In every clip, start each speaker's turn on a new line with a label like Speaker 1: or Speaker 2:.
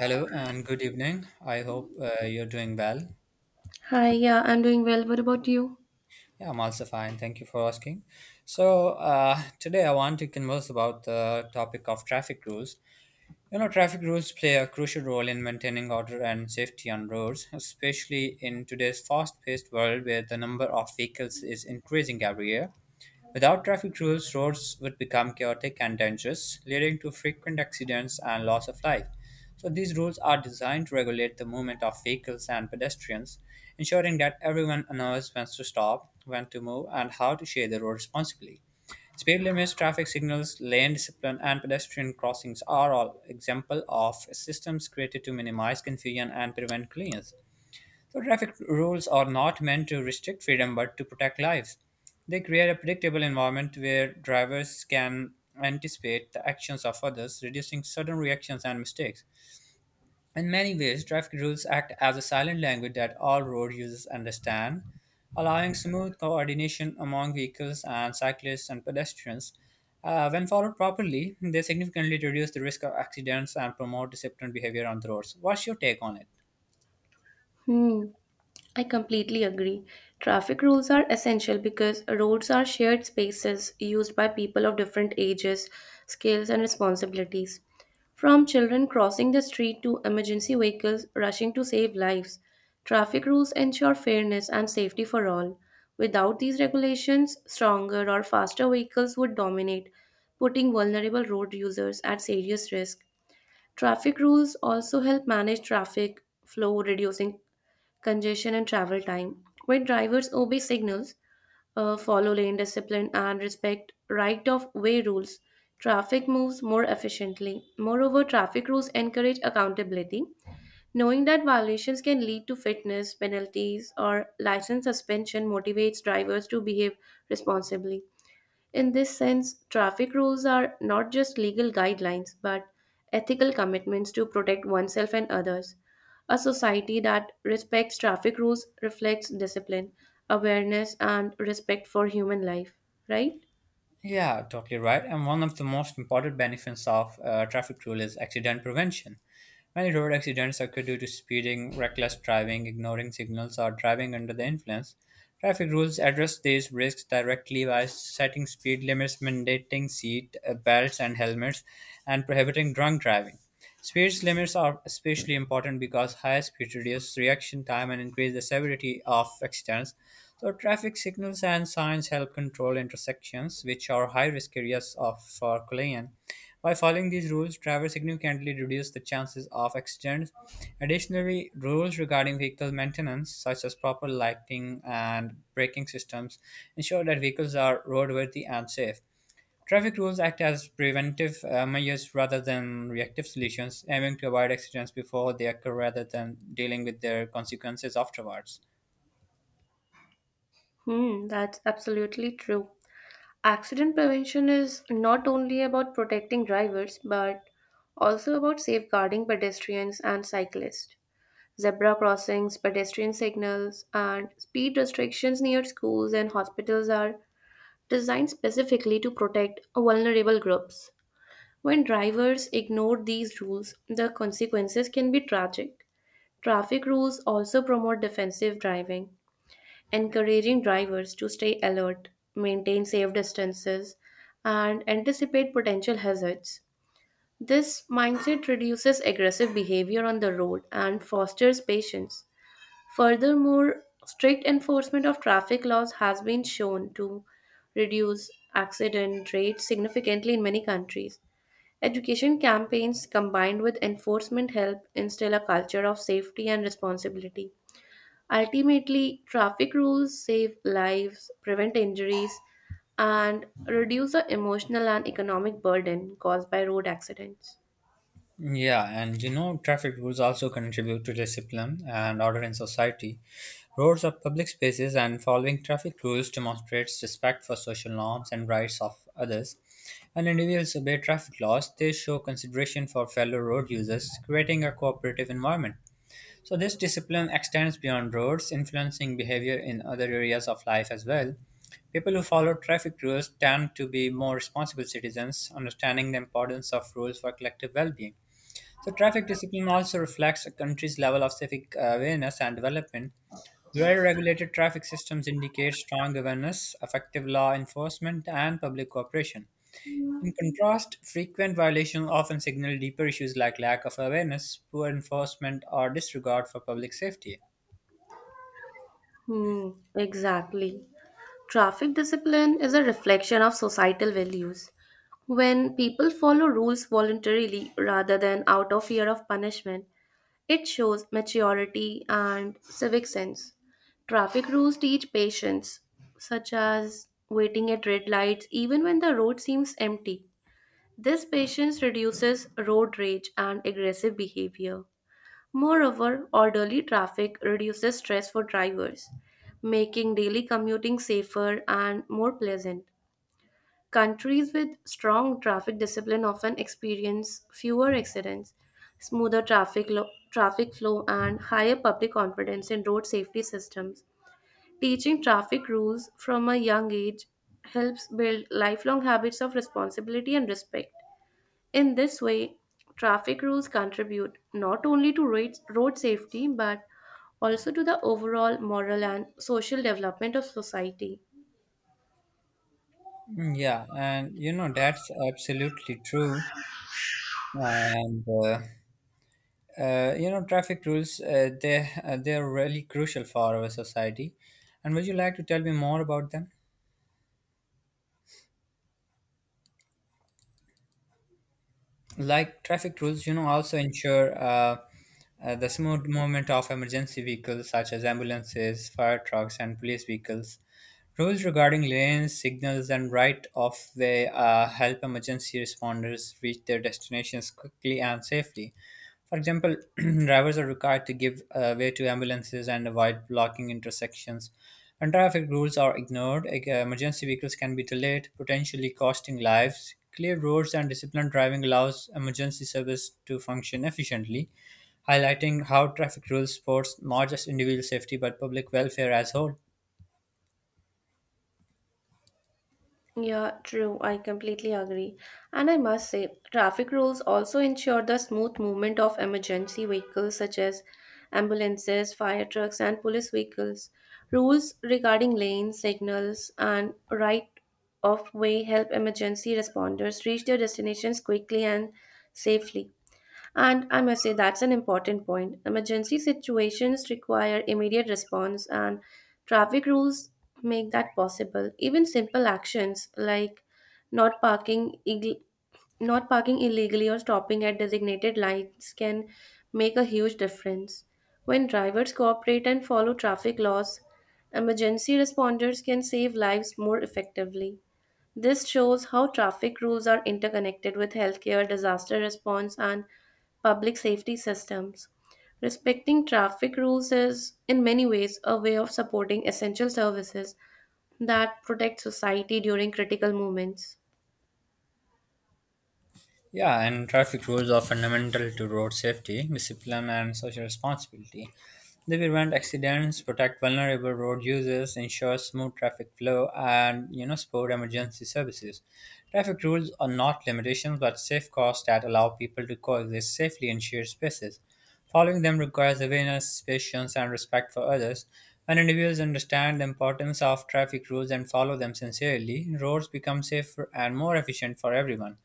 Speaker 1: Hello and good evening. I hope you're doing well.
Speaker 2: Hi, yeah, I'm doing well. What about you?
Speaker 1: Yeah, I'm also fine. Thank you for asking. Today I want to converse about the topic of traffic rules. You know, traffic rules play a crucial role in maintaining order and safety on roads, especially in today's fast paced world where the number of vehicles is increasing every year. Without traffic rules, roads would become chaotic and dangerous, leading to frequent accidents and loss of life. So, these rules are designed to regulate the movement of vehicles and pedestrians, ensuring that everyone knows when to stop, when to move, and how to share the road responsibly. Speed limits, traffic signals, lane discipline, and pedestrian crossings are all examples of systems created to minimize confusion and prevent collisions. So traffic rules are not meant to restrict freedom but to protect lives. They create a predictable environment where drivers can anticipate the actions of others, reducing sudden reactions and mistakes. In many ways, traffic rules act as a silent language that all road users understand, allowing smooth coordination among vehicles and cyclists and pedestrians. When followed properly, they significantly reduce the risk of accidents and promote disciplined behavior on the roads. What's your take on it?
Speaker 2: Hmm, I completely agree. Traffic rules are essential because roads are shared spaces used by people of different ages, skills, and responsibilities. From children crossing the street to emergency vehicles rushing to save lives, traffic rules ensure fairness and safety for all. Without these regulations, stronger or faster vehicles would dominate, putting vulnerable road users at serious risk. Traffic rules also help manage traffic flow, reducing congestion and travel time. When drivers obey signals, follow lane discipline, and respect right of way rules, traffic moves more efficiently. Moreover, traffic rules encourage accountability. Knowing that violations can lead to fitness penalties or license suspension motivates drivers to behave responsibly. In this sense, traffic rules are not just legal guidelines but ethical commitments to protect oneself and others. A society that respects traffic rules reflects discipline, awareness, and respect for human life, right?
Speaker 1: Yeah, totally right. And one of the most important benefits of traffic rule is accident prevention. Many road accidents occur due to speeding, reckless driving, ignoring signals, or driving under the influence. Traffic rules address these risks directly by setting speed limits, mandating seat belts and helmets, and prohibiting drunk driving. Speed limits are especially important because high speed reduce reaction time and increase the severity of accidents. So, traffic signals and signs help control intersections, which are high risk areas of, for collision. By following these rules, drivers significantly reduce the chances of accidents. Additionally, rules regarding vehicle maintenance, such as proper lighting and braking systems, ensure that vehicles are roadworthy and safe. Traffic rules act as preventive measures rather than reactive solutions, aiming to avoid accidents before they occur rather than dealing with their consequences afterwards.
Speaker 2: Hmm, that's absolutely true. Accident prevention is not only about protecting drivers but also about safeguarding pedestrians and cyclists. Zebra crossings, pedestrian signals, and speed restrictions near schools and hospitals are designed specifically to protect vulnerable groups. When drivers ignore these rules, the consequences can be tragic. Traffic rules also promote defensive driving, encouraging drivers to stay alert, maintain safe distances, and anticipate potential hazards. This mindset reduces aggressive behavior on the road and fosters patience. Furthermore, strict enforcement of traffic laws has been shown to reduce accident rates significantly in many countries. Education campaigns combined with enforcement help instill a culture of safety and responsibility. Ultimately, traffic rules save lives, prevent injuries, and reduce the emotional and economic burden caused by road accidents.
Speaker 1: Yeah, and you know, traffic rules also contribute to discipline and order in society. Roads are public spaces, and following traffic rules demonstrates respect for social norms and rights of others. When individuals obey traffic laws, they show consideration for fellow road users, creating a cooperative environment. So, this discipline extends beyond roads, influencing behavior in other areas of life as well. People who follow traffic rules tend to be more responsible citizens, understanding the importance of rules for collective well being. So, traffic discipline also reflects a country's level of civic awareness and development. Well regulated traffic systems indicate strong awareness, effective law enforcement, and public cooperation. In contrast, frequent violations often signal deeper issues like lack of awareness, poor enforcement, or disregard for public safety.
Speaker 2: Hmm, exactly. Traffic discipline is a reflection of societal values. When people follow rules voluntarily rather than out of fear of punishment, it shows maturity and civic sense. Traffic rules teach patience, such as waiting at red lights even when the road seems empty. This patience reduces road rage and aggressive behavior. Moreover, orderly traffic reduces stress for drivers, making daily commuting safer and more pleasant. Countries with strong traffic discipline often experience fewer accidents, smoother traffic, traffic flow, and higher public confidence in road safety systems. Teaching traffic rules from a young age helps build lifelong habits of responsibility and respect. In this way, traffic rules contribute not only to road safety but also to the overall moral and social development of society.
Speaker 1: Mm, yeah, and you know, that's absolutely true. And uh, Traffic rules they they are really crucial for our society. And would you like to tell me more about them? Like traffic rules, you know, also ensure the smooth movement of emergency vehicles such as ambulances, fire trucks, and police vehicles. Rules regarding lanes, signals, and right of way help emergency responders reach their destinations quickly and safely. For example, drivers are required to give way to ambulances and avoid blocking intersections. When traffic rules are ignored, emergency vehicles can be delayed, potentially costing lives. Clear roads and disciplined driving allows emergency service to function efficiently, highlighting how traffic rules support not just individual safety but public welfare as whole.
Speaker 2: Yeah, true. I completely agree. And I must say, traffic rules also ensure the smooth movement of emergency vehicles such as ambulances, fire trucks, and police vehicles. Rules regarding lanes, signals, and right of way help emergency responders reach their destinations quickly and safely. And I must say, that's an important point. Emergency situations require immediate response, and traffic rules make that possible. Even simple actions like not parking, ill- not parking illegally or stopping at designated lights can make a huge difference. When drivers cooperate and follow traffic laws, emergency responders can save lives more effectively. This shows how traffic rules are interconnected with healthcare, disaster response, and public safety systems. Respecting traffic rules is, in many ways, a way of supporting essential services that protect society during critical moments.
Speaker 1: Yeah, and traffic rules are fundamental to road safety, discipline, and social responsibility. They prevent accidents, protect vulnerable road users, ensure smooth traffic flow, and you know support emergency services. Traffic rules are not limitations but safeguards that allow people to coexist safely in shared spaces. Following them requires awareness, patience, and respect for others. When individuals understand the importance of traffic rules and follow them sincerely, roads become safer and more efficient for everyone.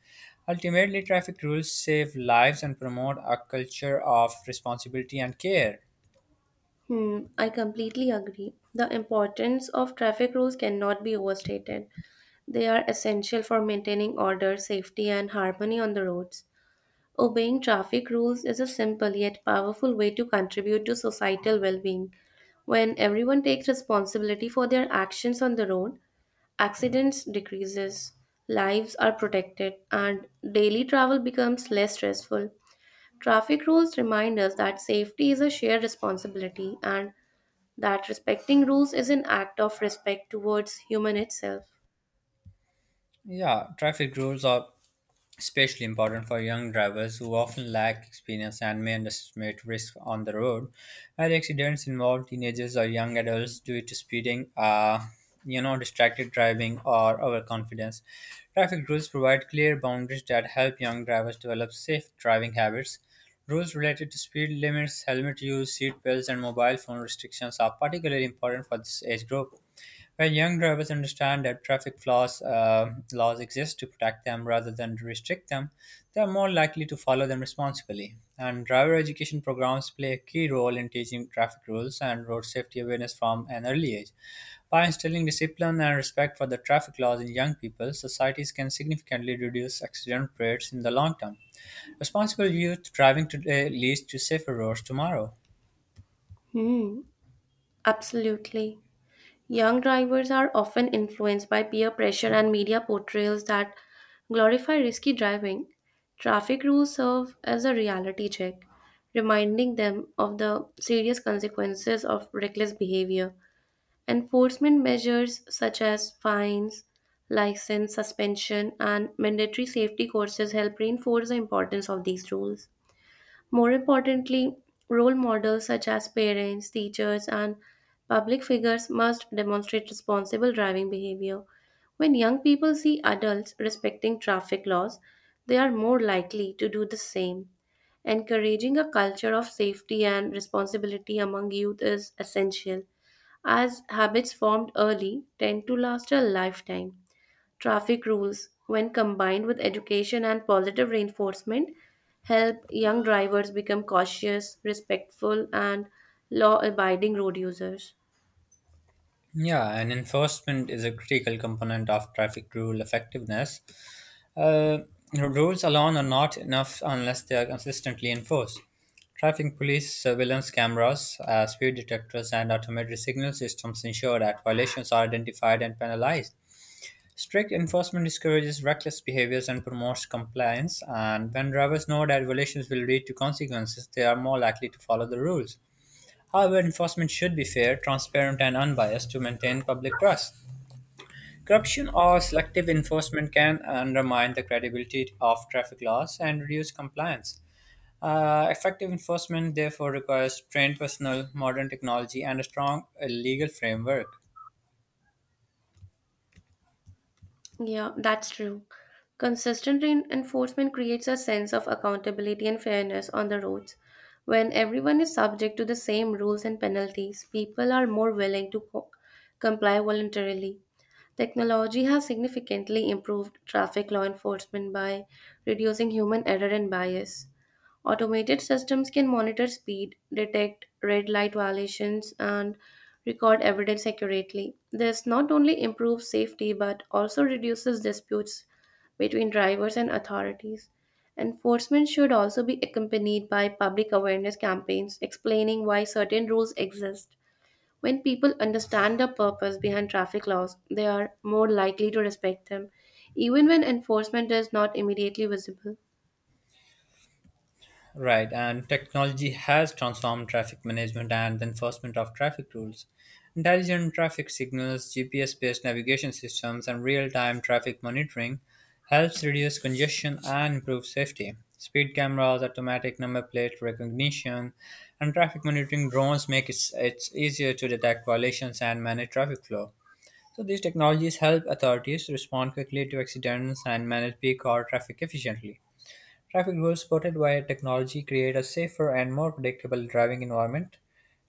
Speaker 1: Ultimately, traffic rules save lives and promote a culture of responsibility and care.
Speaker 2: Hmm, I completely agree. The importance of traffic rules cannot be overstated. They are essential for maintaining order, safety, and harmony on the roads. Obeying traffic rules is a simple yet powerful way to contribute to societal well being. When everyone takes responsibility for their actions on the road, accidents decreases, lives are protected, and daily travel becomes less stressful. Traffic rules remind us that safety is a shared responsibility and that respecting rules is an act of respect towards human itself.
Speaker 1: Yeah, traffic rules are especially important for young drivers who often lack experience and may underestimate risk on the road. Where accidents involve teenagers or young adults due to speeding, you know, distracted driving, or overconfidence. Traffic rules provide clear boundaries that help young drivers develop safe driving habits. Rules related to speed limits, helmet use, seat belts, and mobile phone restrictions are particularly important for this age group. Where young drivers understand that traffic flaws laws exist to protect them rather than to restrict them, they are more likely to follow them responsibly. And driver education programs play a key role in teaching traffic rules and road safety awareness from an early age. By instilling discipline and respect for the traffic laws in young people, societies can significantly reduce accident rates in the long term. Responsible youth driving today leads to safer roads tomorrow.
Speaker 2: Hmm, absolutely. Young drivers are often influenced by peer pressure and media portrayals that glorify risky driving. Traffic rules serve as a reality check, reminding them of the serious consequences of reckless behavior. Enforcement measures such as fines, license suspension, and mandatory safety courses help reinforce the importance of these rules. More importantly, role models such as parents, teachers, and public figures must demonstrate responsible driving behavior. When young people see adults respecting traffic laws, they are more likely to do the same. Encouraging a culture of safety and responsibility among youth is essential, as habits formed early tend to last a lifetime. Traffic rules, when combined with education and positive reinforcement, help young drivers become cautious, respectful, and law abiding road users.
Speaker 1: Yeah, and enforcement is a critical component of traffic rule effectiveness. Uh, Rules alone are not enough unless they are consistently enforced. Traffic police, surveillance cameras, speed detectors, and automated signal systems ensure that violations are identified and penalized. Strict enforcement discourages reckless behaviors and promotes compliance, and when drivers know that violations will lead to consequences, they are more likely to follow the rules. However, enforcement should be fair, transparent, and unbiased to maintain public trust. Corruption or selective enforcement can undermine the credibility of traffic laws and reduce compliance. Effective enforcement, therefore, requires trained personnel, modern technology, and a strong legal framework.
Speaker 2: Yeah, that's true. Consistent enforcement creates a sense of accountability and fairness on the roads. When everyone is subject to the same rules and penalties, people are more willing to comply voluntarily. Technology has significantly improved traffic law enforcement by reducing human error and bias. Automated systems can monitor speed, detect red light violations, and record evidence accurately. This not only improves safety but also reduces disputes between drivers and authorities. Enforcement should also be accompanied by public awareness campaigns explaining why certain rules exist when people understand the purpose behind traffic laws, they are more likely to respect them, even when enforcement is not immediately visible.
Speaker 1: Right, and technology has transformed traffic management and the enforcement of traffic rules. Intelligent traffic signals, GPS based navigation systems, and real time traffic monitoring helps reduce congestion and improve safety. Speed cameras, automatic number plate recognition, and traffic monitoring drones make it it's easier to detect violations and manage traffic flow. So, these technologies help authorities respond quickly to accidents and manage peak hour traffic efficiently. Traffic rules supported by technology create a safer and more predictable driving environment.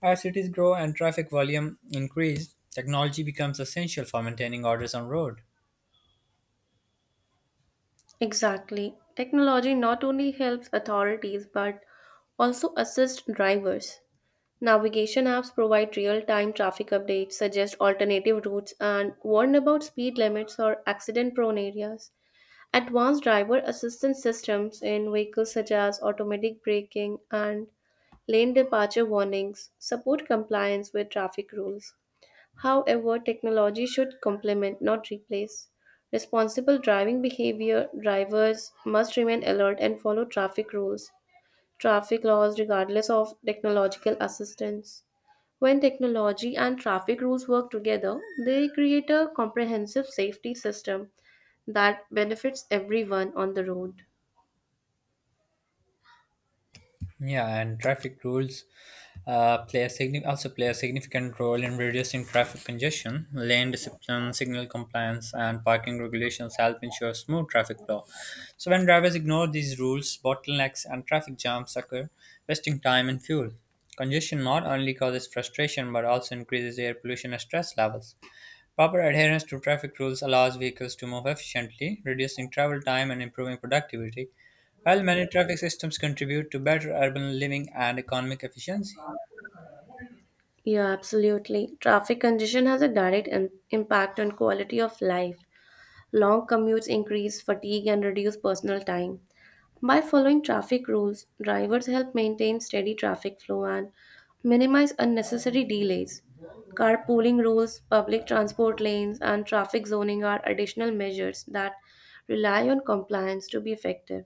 Speaker 1: As cities grow and traffic volume increase, technology becomes essential for maintaining orders on road.
Speaker 2: Exactly. Technology not only helps authorities but also assists drivers. Navigation apps provide real time traffic updates, suggest alternative routes, and warn about speed limits or accident prone areas. Advanced driver assistance systems in vehicles such as automatic braking and lane departure warnings, support compliance with traffic rules. However, technology should complement, not replace. Responsible driving behavior drivers must remain alert and follow traffic laws, regardless of technological assistance. When technology and traffic rules work together, they create a comprehensive safety system that benefits everyone on the road.
Speaker 1: Yeah, and traffic rules also play a significant role in reducing traffic congestion. Lane discipline, signal compliance, and parking regulations help ensure smooth traffic flow. So when drivers ignore these rules, bottlenecks and traffic jams occur, wasting time and fuel. Congestion not only causes frustration but also increases air pollution and stress levels. Proper adherence to traffic rules allows vehicles to move efficiently, reducing travel time and improving productivity. While many traffic systems contribute to better urban living and economic efficiency,
Speaker 2: Yeah, absolutely. Traffic congestion has a impact on quality of life. Long commutes increase fatigue and reduce personal time. By following traffic rules, drivers help maintain steady traffic flow and minimize unnecessary delays. Carpooling rules, public transport lanes, and traffic zoning are additional measures that rely on compliance to be effective.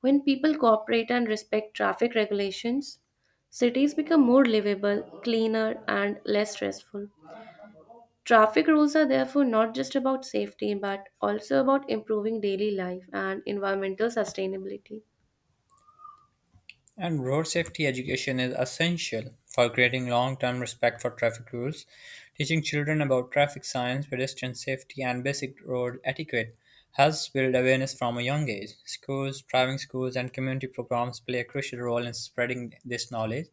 Speaker 2: When people cooperate and respect traffic regulations, cities become more livable, cleaner, and less stressful. Traffic rules are therefore not just about safety but also about improving daily life and environmental sustainability.
Speaker 1: and road safety education is essential for creating long term respect for traffic rules. Teaching children about traffic signs, pedestrian safety, and basic road etiquette helps build awareness from a young age. Schools, driving schools, and community programs play a crucial role in spreading this knowledge.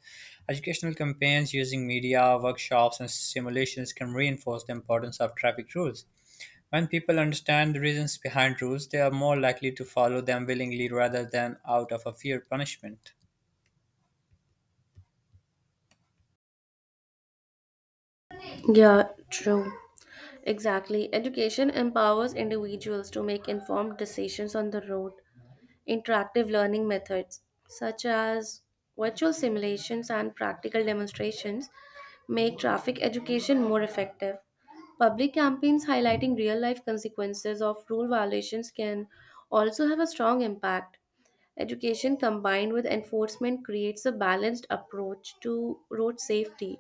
Speaker 1: Educational campaigns using media, workshops, and simulations can reinforce the importance of traffic rules. When people understand the reasons behind rules, they are more likely to follow them willingly rather than out of a fear of punishment.
Speaker 2: Yeah, true. Exactly. Education empowers individuals to make informed decisions on the road. Interactive learning methods, such as virtual simulations and practical demonstrations, make traffic education more effective. Public campaigns highlighting real life consequences of rule violations can also have a strong impact. Education combined with enforcement creates a balanced approach to road safety.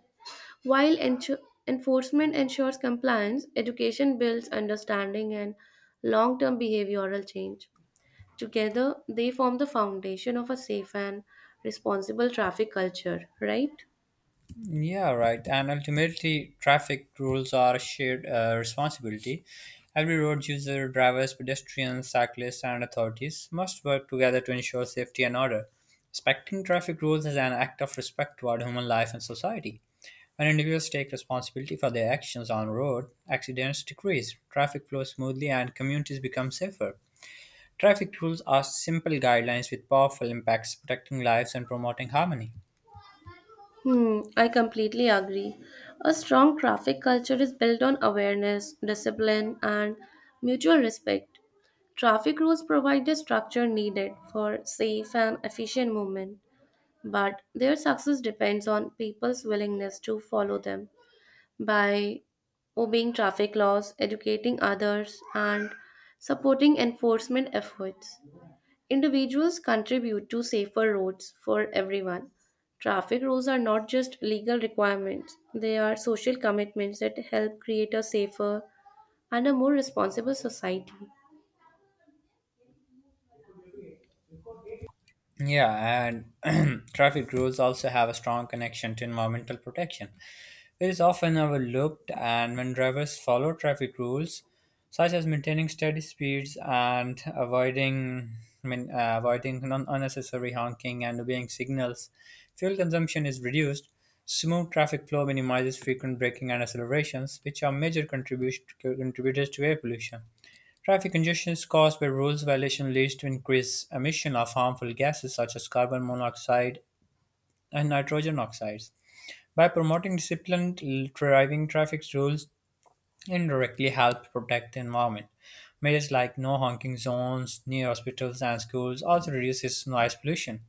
Speaker 2: While enforcement ensures compliance, education builds understanding and long term behavioral change. Together, they form the foundation of a safe and responsible traffic culture, right?
Speaker 1: Yeah, right. And ultimately, traffic rules are a shared responsibility. Every road user, drivers, pedestrians, cyclists, and authorities must work together to ensure safety and order. Respecting traffic rules is an act of respect toward human life and society. When individuals take responsibility for their actions on road, accidents decrease, traffic flows smoothly, and communities become safer. Traffic rules are simple guidelines with powerful impacts, protecting lives and promoting harmony.
Speaker 2: Hmm, I completely agree. A strong traffic culture is built on awareness, discipline, and mutual respect. Traffic rules provide the structure needed for safe and efficient movement, but their success depends on people's willingness to follow them. By obeying traffic laws, educating others, and supporting enforcement efforts, individuals contribute to safer roads for everyone. Traffic rules are not just legal requirements, they are social commitments that help create a safer and a more responsible society.
Speaker 1: Yeah, and traffic rules also have a strong connection to environmental protection, which is often overlooked. And when drivers follow traffic rules, such as maintaining steady speeds and avoiding unnecessary honking and obeying signals, fuel consumption is reduced. Smooth traffic flow minimizes frequent braking and accelerations, which are major contributors to air pollution. Traffic congestion caused by rules violation leads to increased emission of harmful gases such as carbon monoxide and nitrogen oxides. By promoting disciplined driving traffic rules indirectly help protect the environment. Measures like no honking zones near hospitals and schools also reduces noise pollution,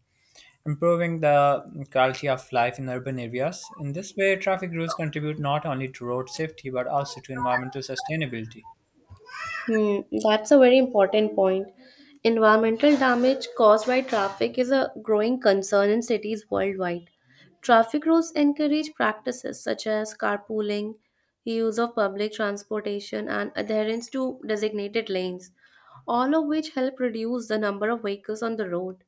Speaker 1: improving the quality of life in urban areas. In this way, traffic rules contribute not only to road safety but also to environmental sustainability.
Speaker 2: Hmm, that's a very important point. Environmental damage caused by traffic is a growing concern in cities worldwide. Traffic rules encourage practices such as carpooling, use of public transportation, and adherence to designated lanes, all of which help reduce the number of vehicles on the road.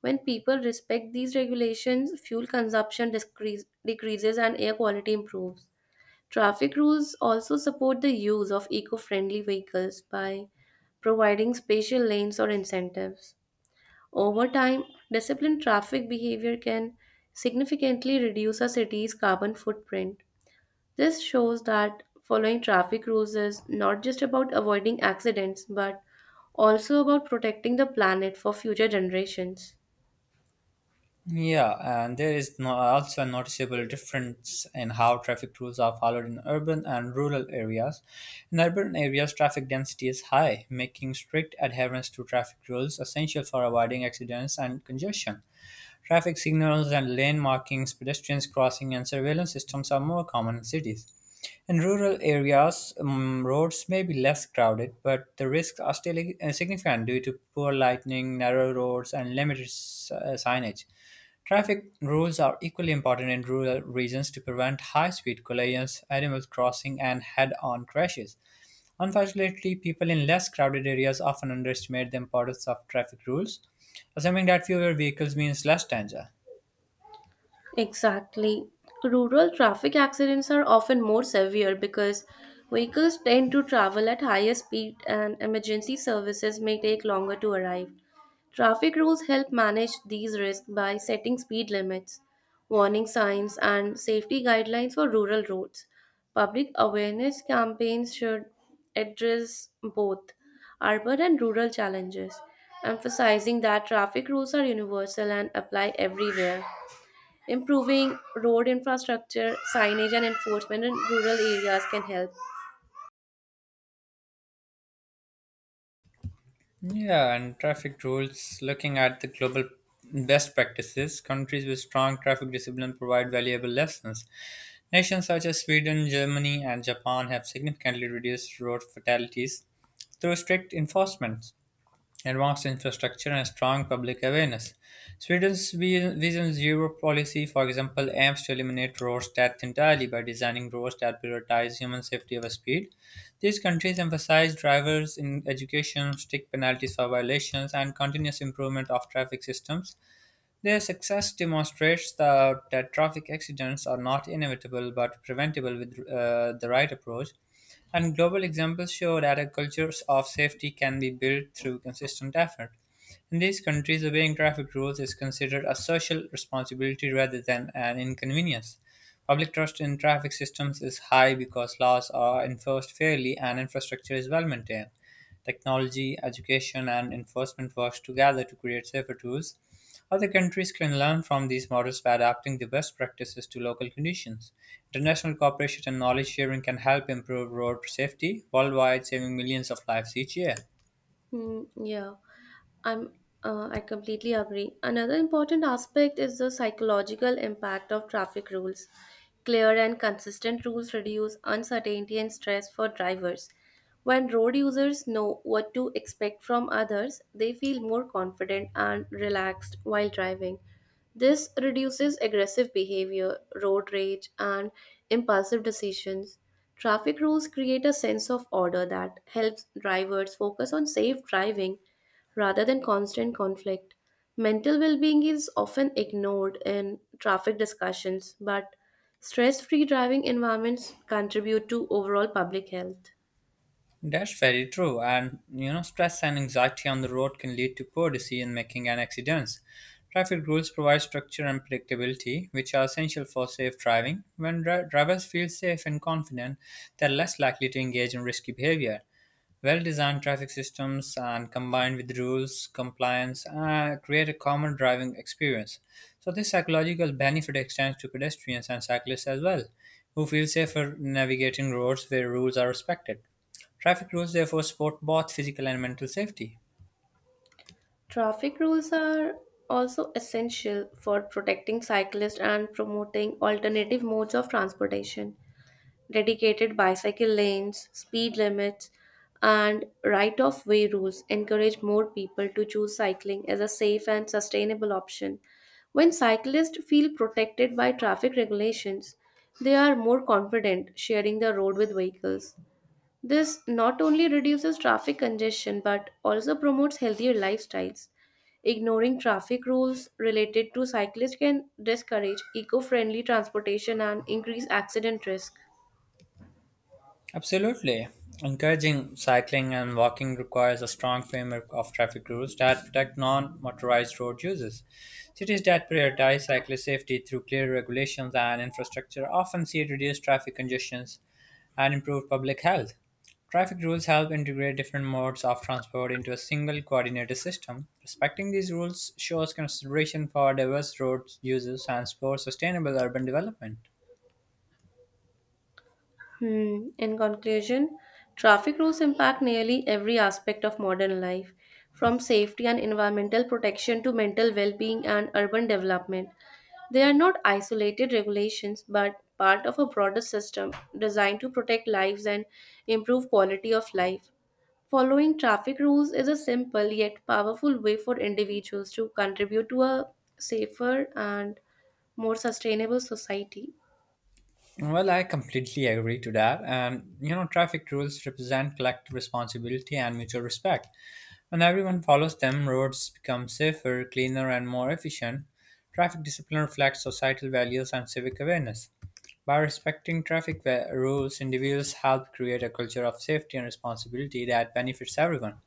Speaker 2: When people respect these regulations, fuel consumption decreases and air quality improves. Traffic rules also support the use of eco friendly vehicles by providing spatial lanes or incentives. Over time, disciplined traffic behavior can significantly reduce a city's carbon footprint. This shows that following traffic rules is not just about avoiding accidents but also about protecting the planet for future generations.
Speaker 1: Yeah, and there is no, also a noticeable difference in how traffic rules are followed in urban and rural areas. In urban areas, traffic density is high, making strict adherence to traffic rules essential for avoiding accidents and congestion. Traffic signals and lane markings, pedestrians crossing, and surveillance systems are more common in cities. In rural areas, roads may be less crowded, but the risks are still significant due to poor lighting, narrow roads, and limited signage. Traffic rules are equally important in rural regions to prevent high speed collisions, animal crossing, and head on crashes. Unfortunately, people in less crowded areas often underestimate the importance of traffic rules, assuming that fewer vehicles means less danger.
Speaker 2: Exactly. Rural traffic accidents are often more severe because vehicles tend to travel at higher speed and emergency services may take longer to arrive. Traffic rules help manage these risks by setting speed limits, warning signs, and safety guidelines for rural roads. Public awareness campaigns should address both urban and rural challenges, emphasizing that traffic rules are universal and apply everywhere. Improving road infrastructure, signage, and enforcement in rural areas can help.
Speaker 1: Yeah, and traffic rules, looking at the global best practices, countries with strong traffic discipline provide valuable lessons. Nations such as Sweden, Germany, and Japan have significantly reduced road fatalities through strict enforcement, advanced infrastructure, and strong public awareness. Sweden's Vision Zero policy, for example, aims to eliminate road death entirely by designing roads that prioritize human safety over speed. These countries emphasize drivers in education, strict penalties for violations, and continuous improvement of traffic systems. Their success demonstrates that traffic accidents are not inevitable but preventable with the right approach. And global examples show that a culture of safety can be built through consistent effort. In these countries, obeying traffic rules is considered a social responsibility rather than an inconvenience. Public trust in traffic systems is high because laws are enforced fairly and infrastructure is well maintained. Technology, education, and enforcement works together to create safer tools. Other countries can learn from these models by adapting the best practices to local conditions. International cooperation and knowledge sharing can help improve road safety worldwide, saving millions of lives each year.
Speaker 2: Hmm, yeah, I'm. I completely agree. Another important aspect is the psychological impact of traffic rules. Clear and consistent rules reduce uncertainty and stress for drivers. When road users know what to expect from others, they feel more confident and relaxed while driving. This reduces aggressive behavior, road rage, and impulsive decisions. Traffic rules create a sense of order that helps drivers focus on safe driving rather than constant conflict. Mental well being is often ignored in traffic discussions, but stress free driving environments contribute to overall public health.
Speaker 1: That's very true. And you know, stress and anxiety on the road can lead to poor decision making and accidents. Traffic rules provide structure and predictability, which are essential for safe driving. When drivers feel safe and confident, they're less likely to engage in risky behavior. Well designed traffic systems and combined with rules, compliance, create a common driving experience. So, this psychological benefit extends to pedestrians and cyclists as well, who feel safer navigating roads where rules are respected. Traffic rules therefore support both physical and mental safety.
Speaker 2: Traffic rules are also essential for protecting cyclists and promoting alternative modes of transportation. Dedicated bicycle lanes, speed limits, and right of way rules encourage more people to choose cycling as a safe and sustainable option. When cyclists feel protected by traffic regulations, they are more confident sharing the road with vehicles. This not only reduces traffic congestion but also promotes healthier lifestyles. Ignoring traffic rules related to cyclists can discourage eco friendly transportation and increase accident risk.
Speaker 1: Absolutely. Encouraging cycling and walking requires a strong framework of traffic rules that protect non motorized road users. Cities that prioritize cyclist safety through clear regulations and infrastructure often see reduced traffic congestions and improved public health. Traffic rules help integrate different modes of transport into a single coordinated system. Respecting these rules shows consideration for diverse road users and supports sustainable urban development.
Speaker 2: Hmm. In conclusion, traffic rules impact nearly every aspect of modern life, from safety and environmental protection to mental well being and urban development. They are not isolated regulations but part of a broader system designed to protect lives and improve quality of life. Following traffic rules is a simple yet powerful way for individuals to contribute to a safer and more sustainable society.
Speaker 1: Well, I completely agree to that. And, you know, traffic rules represent collective responsibility and mutual respect. When everyone follows them, roads become safer, cleaner, and more efficient. Traffic discipline reflects societal values and civic awareness. By respecting traffic rules, individuals help create a culture of safety and responsibility that benefits everyone.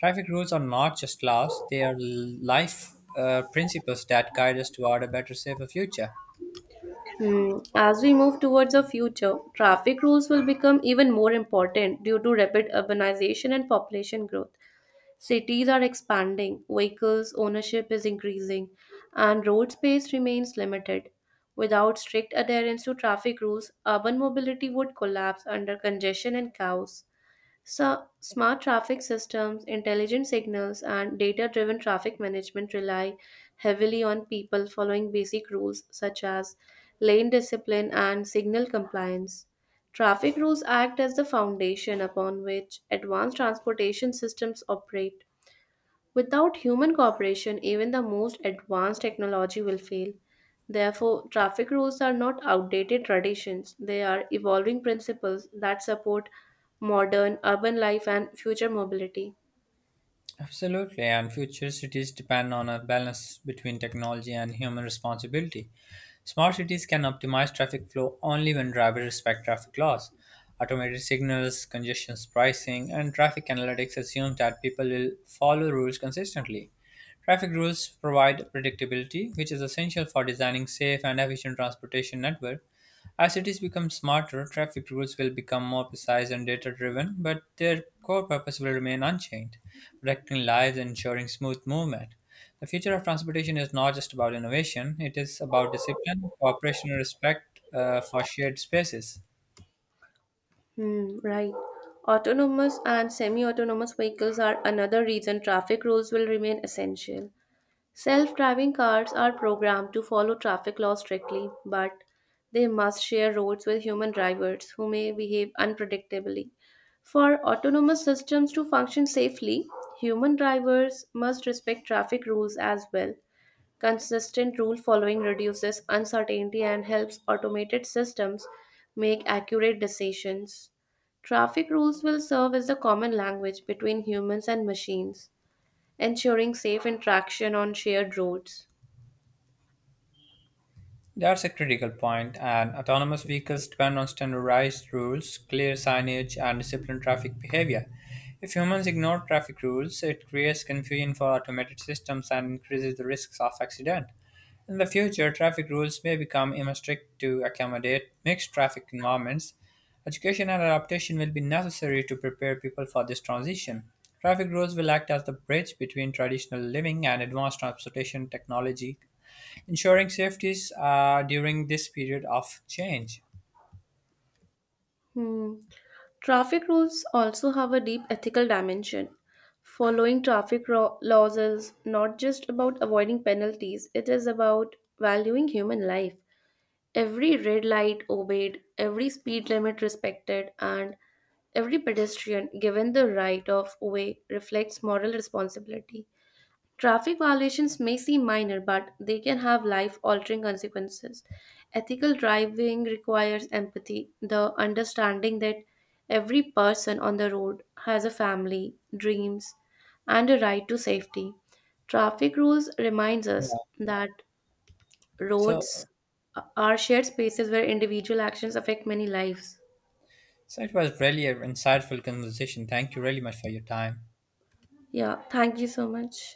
Speaker 1: Traffic rules are not just laws, they are life principles that guide us toward a better, safer future.
Speaker 2: Hmm, as we move towards the future, traffic rules will become even more important due to rapid urbanization and population growth. Cities are expanding, vehicles ownership is increasing, and road space remains limited. Without strict adherence to traffic rules, urban mobility would collapse under congestion and chaos. So, smart traffic systems, intelligent signals, and data driven traffic management rely heavily on people following basic rules such as lane discipline and signal compliance. Traffic rules act as the foundation upon which advanced transportation systems operate. Without human cooperation, even the most advanced technology will fail. Therefore, traffic rules are not outdated traditions, they are evolving principles that support modern urban life and future mobility.
Speaker 1: Absolutely, and future cities depend on a balance between technology and human responsibility. Smart cities can optimize traffic flow only when drivers respect traffic laws. Automated signals, congestion pricing, and traffic analytics assume that people will follow rules consistently. Traffic rules provide predictability, which is essential for designing safe and efficient transportation network. As cities become smarter, traffic rules will become more precise and data driven, but their core purpose will remain unchanged, protecting lives and ensuring smooth movement. The future of transportation is not just about innovation, it is about discipline, cooperation, and respect for shared spaces.
Speaker 2: Hmm, right. Autonomous and semi autonomous vehicles are another reason traffic rules will remain essential. Self driving cars are programmed to follow traffic laws strictly, but they must share roads with human drivers who may behave unpredictably. For autonomous systems to function safely, human drivers must respect traffic rules as well. Consistent rule following reduces uncertainty and helps automated systems make accurate decisions. Traffic rules will serve as the common language between humans and machines ensuring safe interaction on shared roads.
Speaker 1: That's a critical point, and autonomous vehicles depend on standardized rules, clear signage, and disciplined traffic behavior. If humans ignore traffic rules, it creates confusion for automated systems and increases the risks of accident. In the future, traffic rules may become even strict to accommodate mixed traffic environments. Education and adaptation will be necessary to prepare people for this transition. Traffic rules will act as the bridge between traditional living and advanced transportation technology, ensuring safeties during this period of change.
Speaker 2: Hmm. Traffic rules also have a deep ethical dimension. Following laws is not just about avoiding penalties, it is about valuing human life. Every red light obeyed, every speed limit respected, and every pedestrian given the right of way reflects moral responsibility. Traffic violations may seem minor, but they can have life altering consequences. Ethical driving requires empathy, the understanding that every person on the road has a family, dreams, and a right to safety. Traffic rules reminds
Speaker 1: Yeah.
Speaker 2: us that
Speaker 1: So,
Speaker 2: roads are shared spaces where individual actions affect many lives.
Speaker 1: so it was really an insightful conversation. Thank you really much for your time.
Speaker 2: Yeah, thank you so much.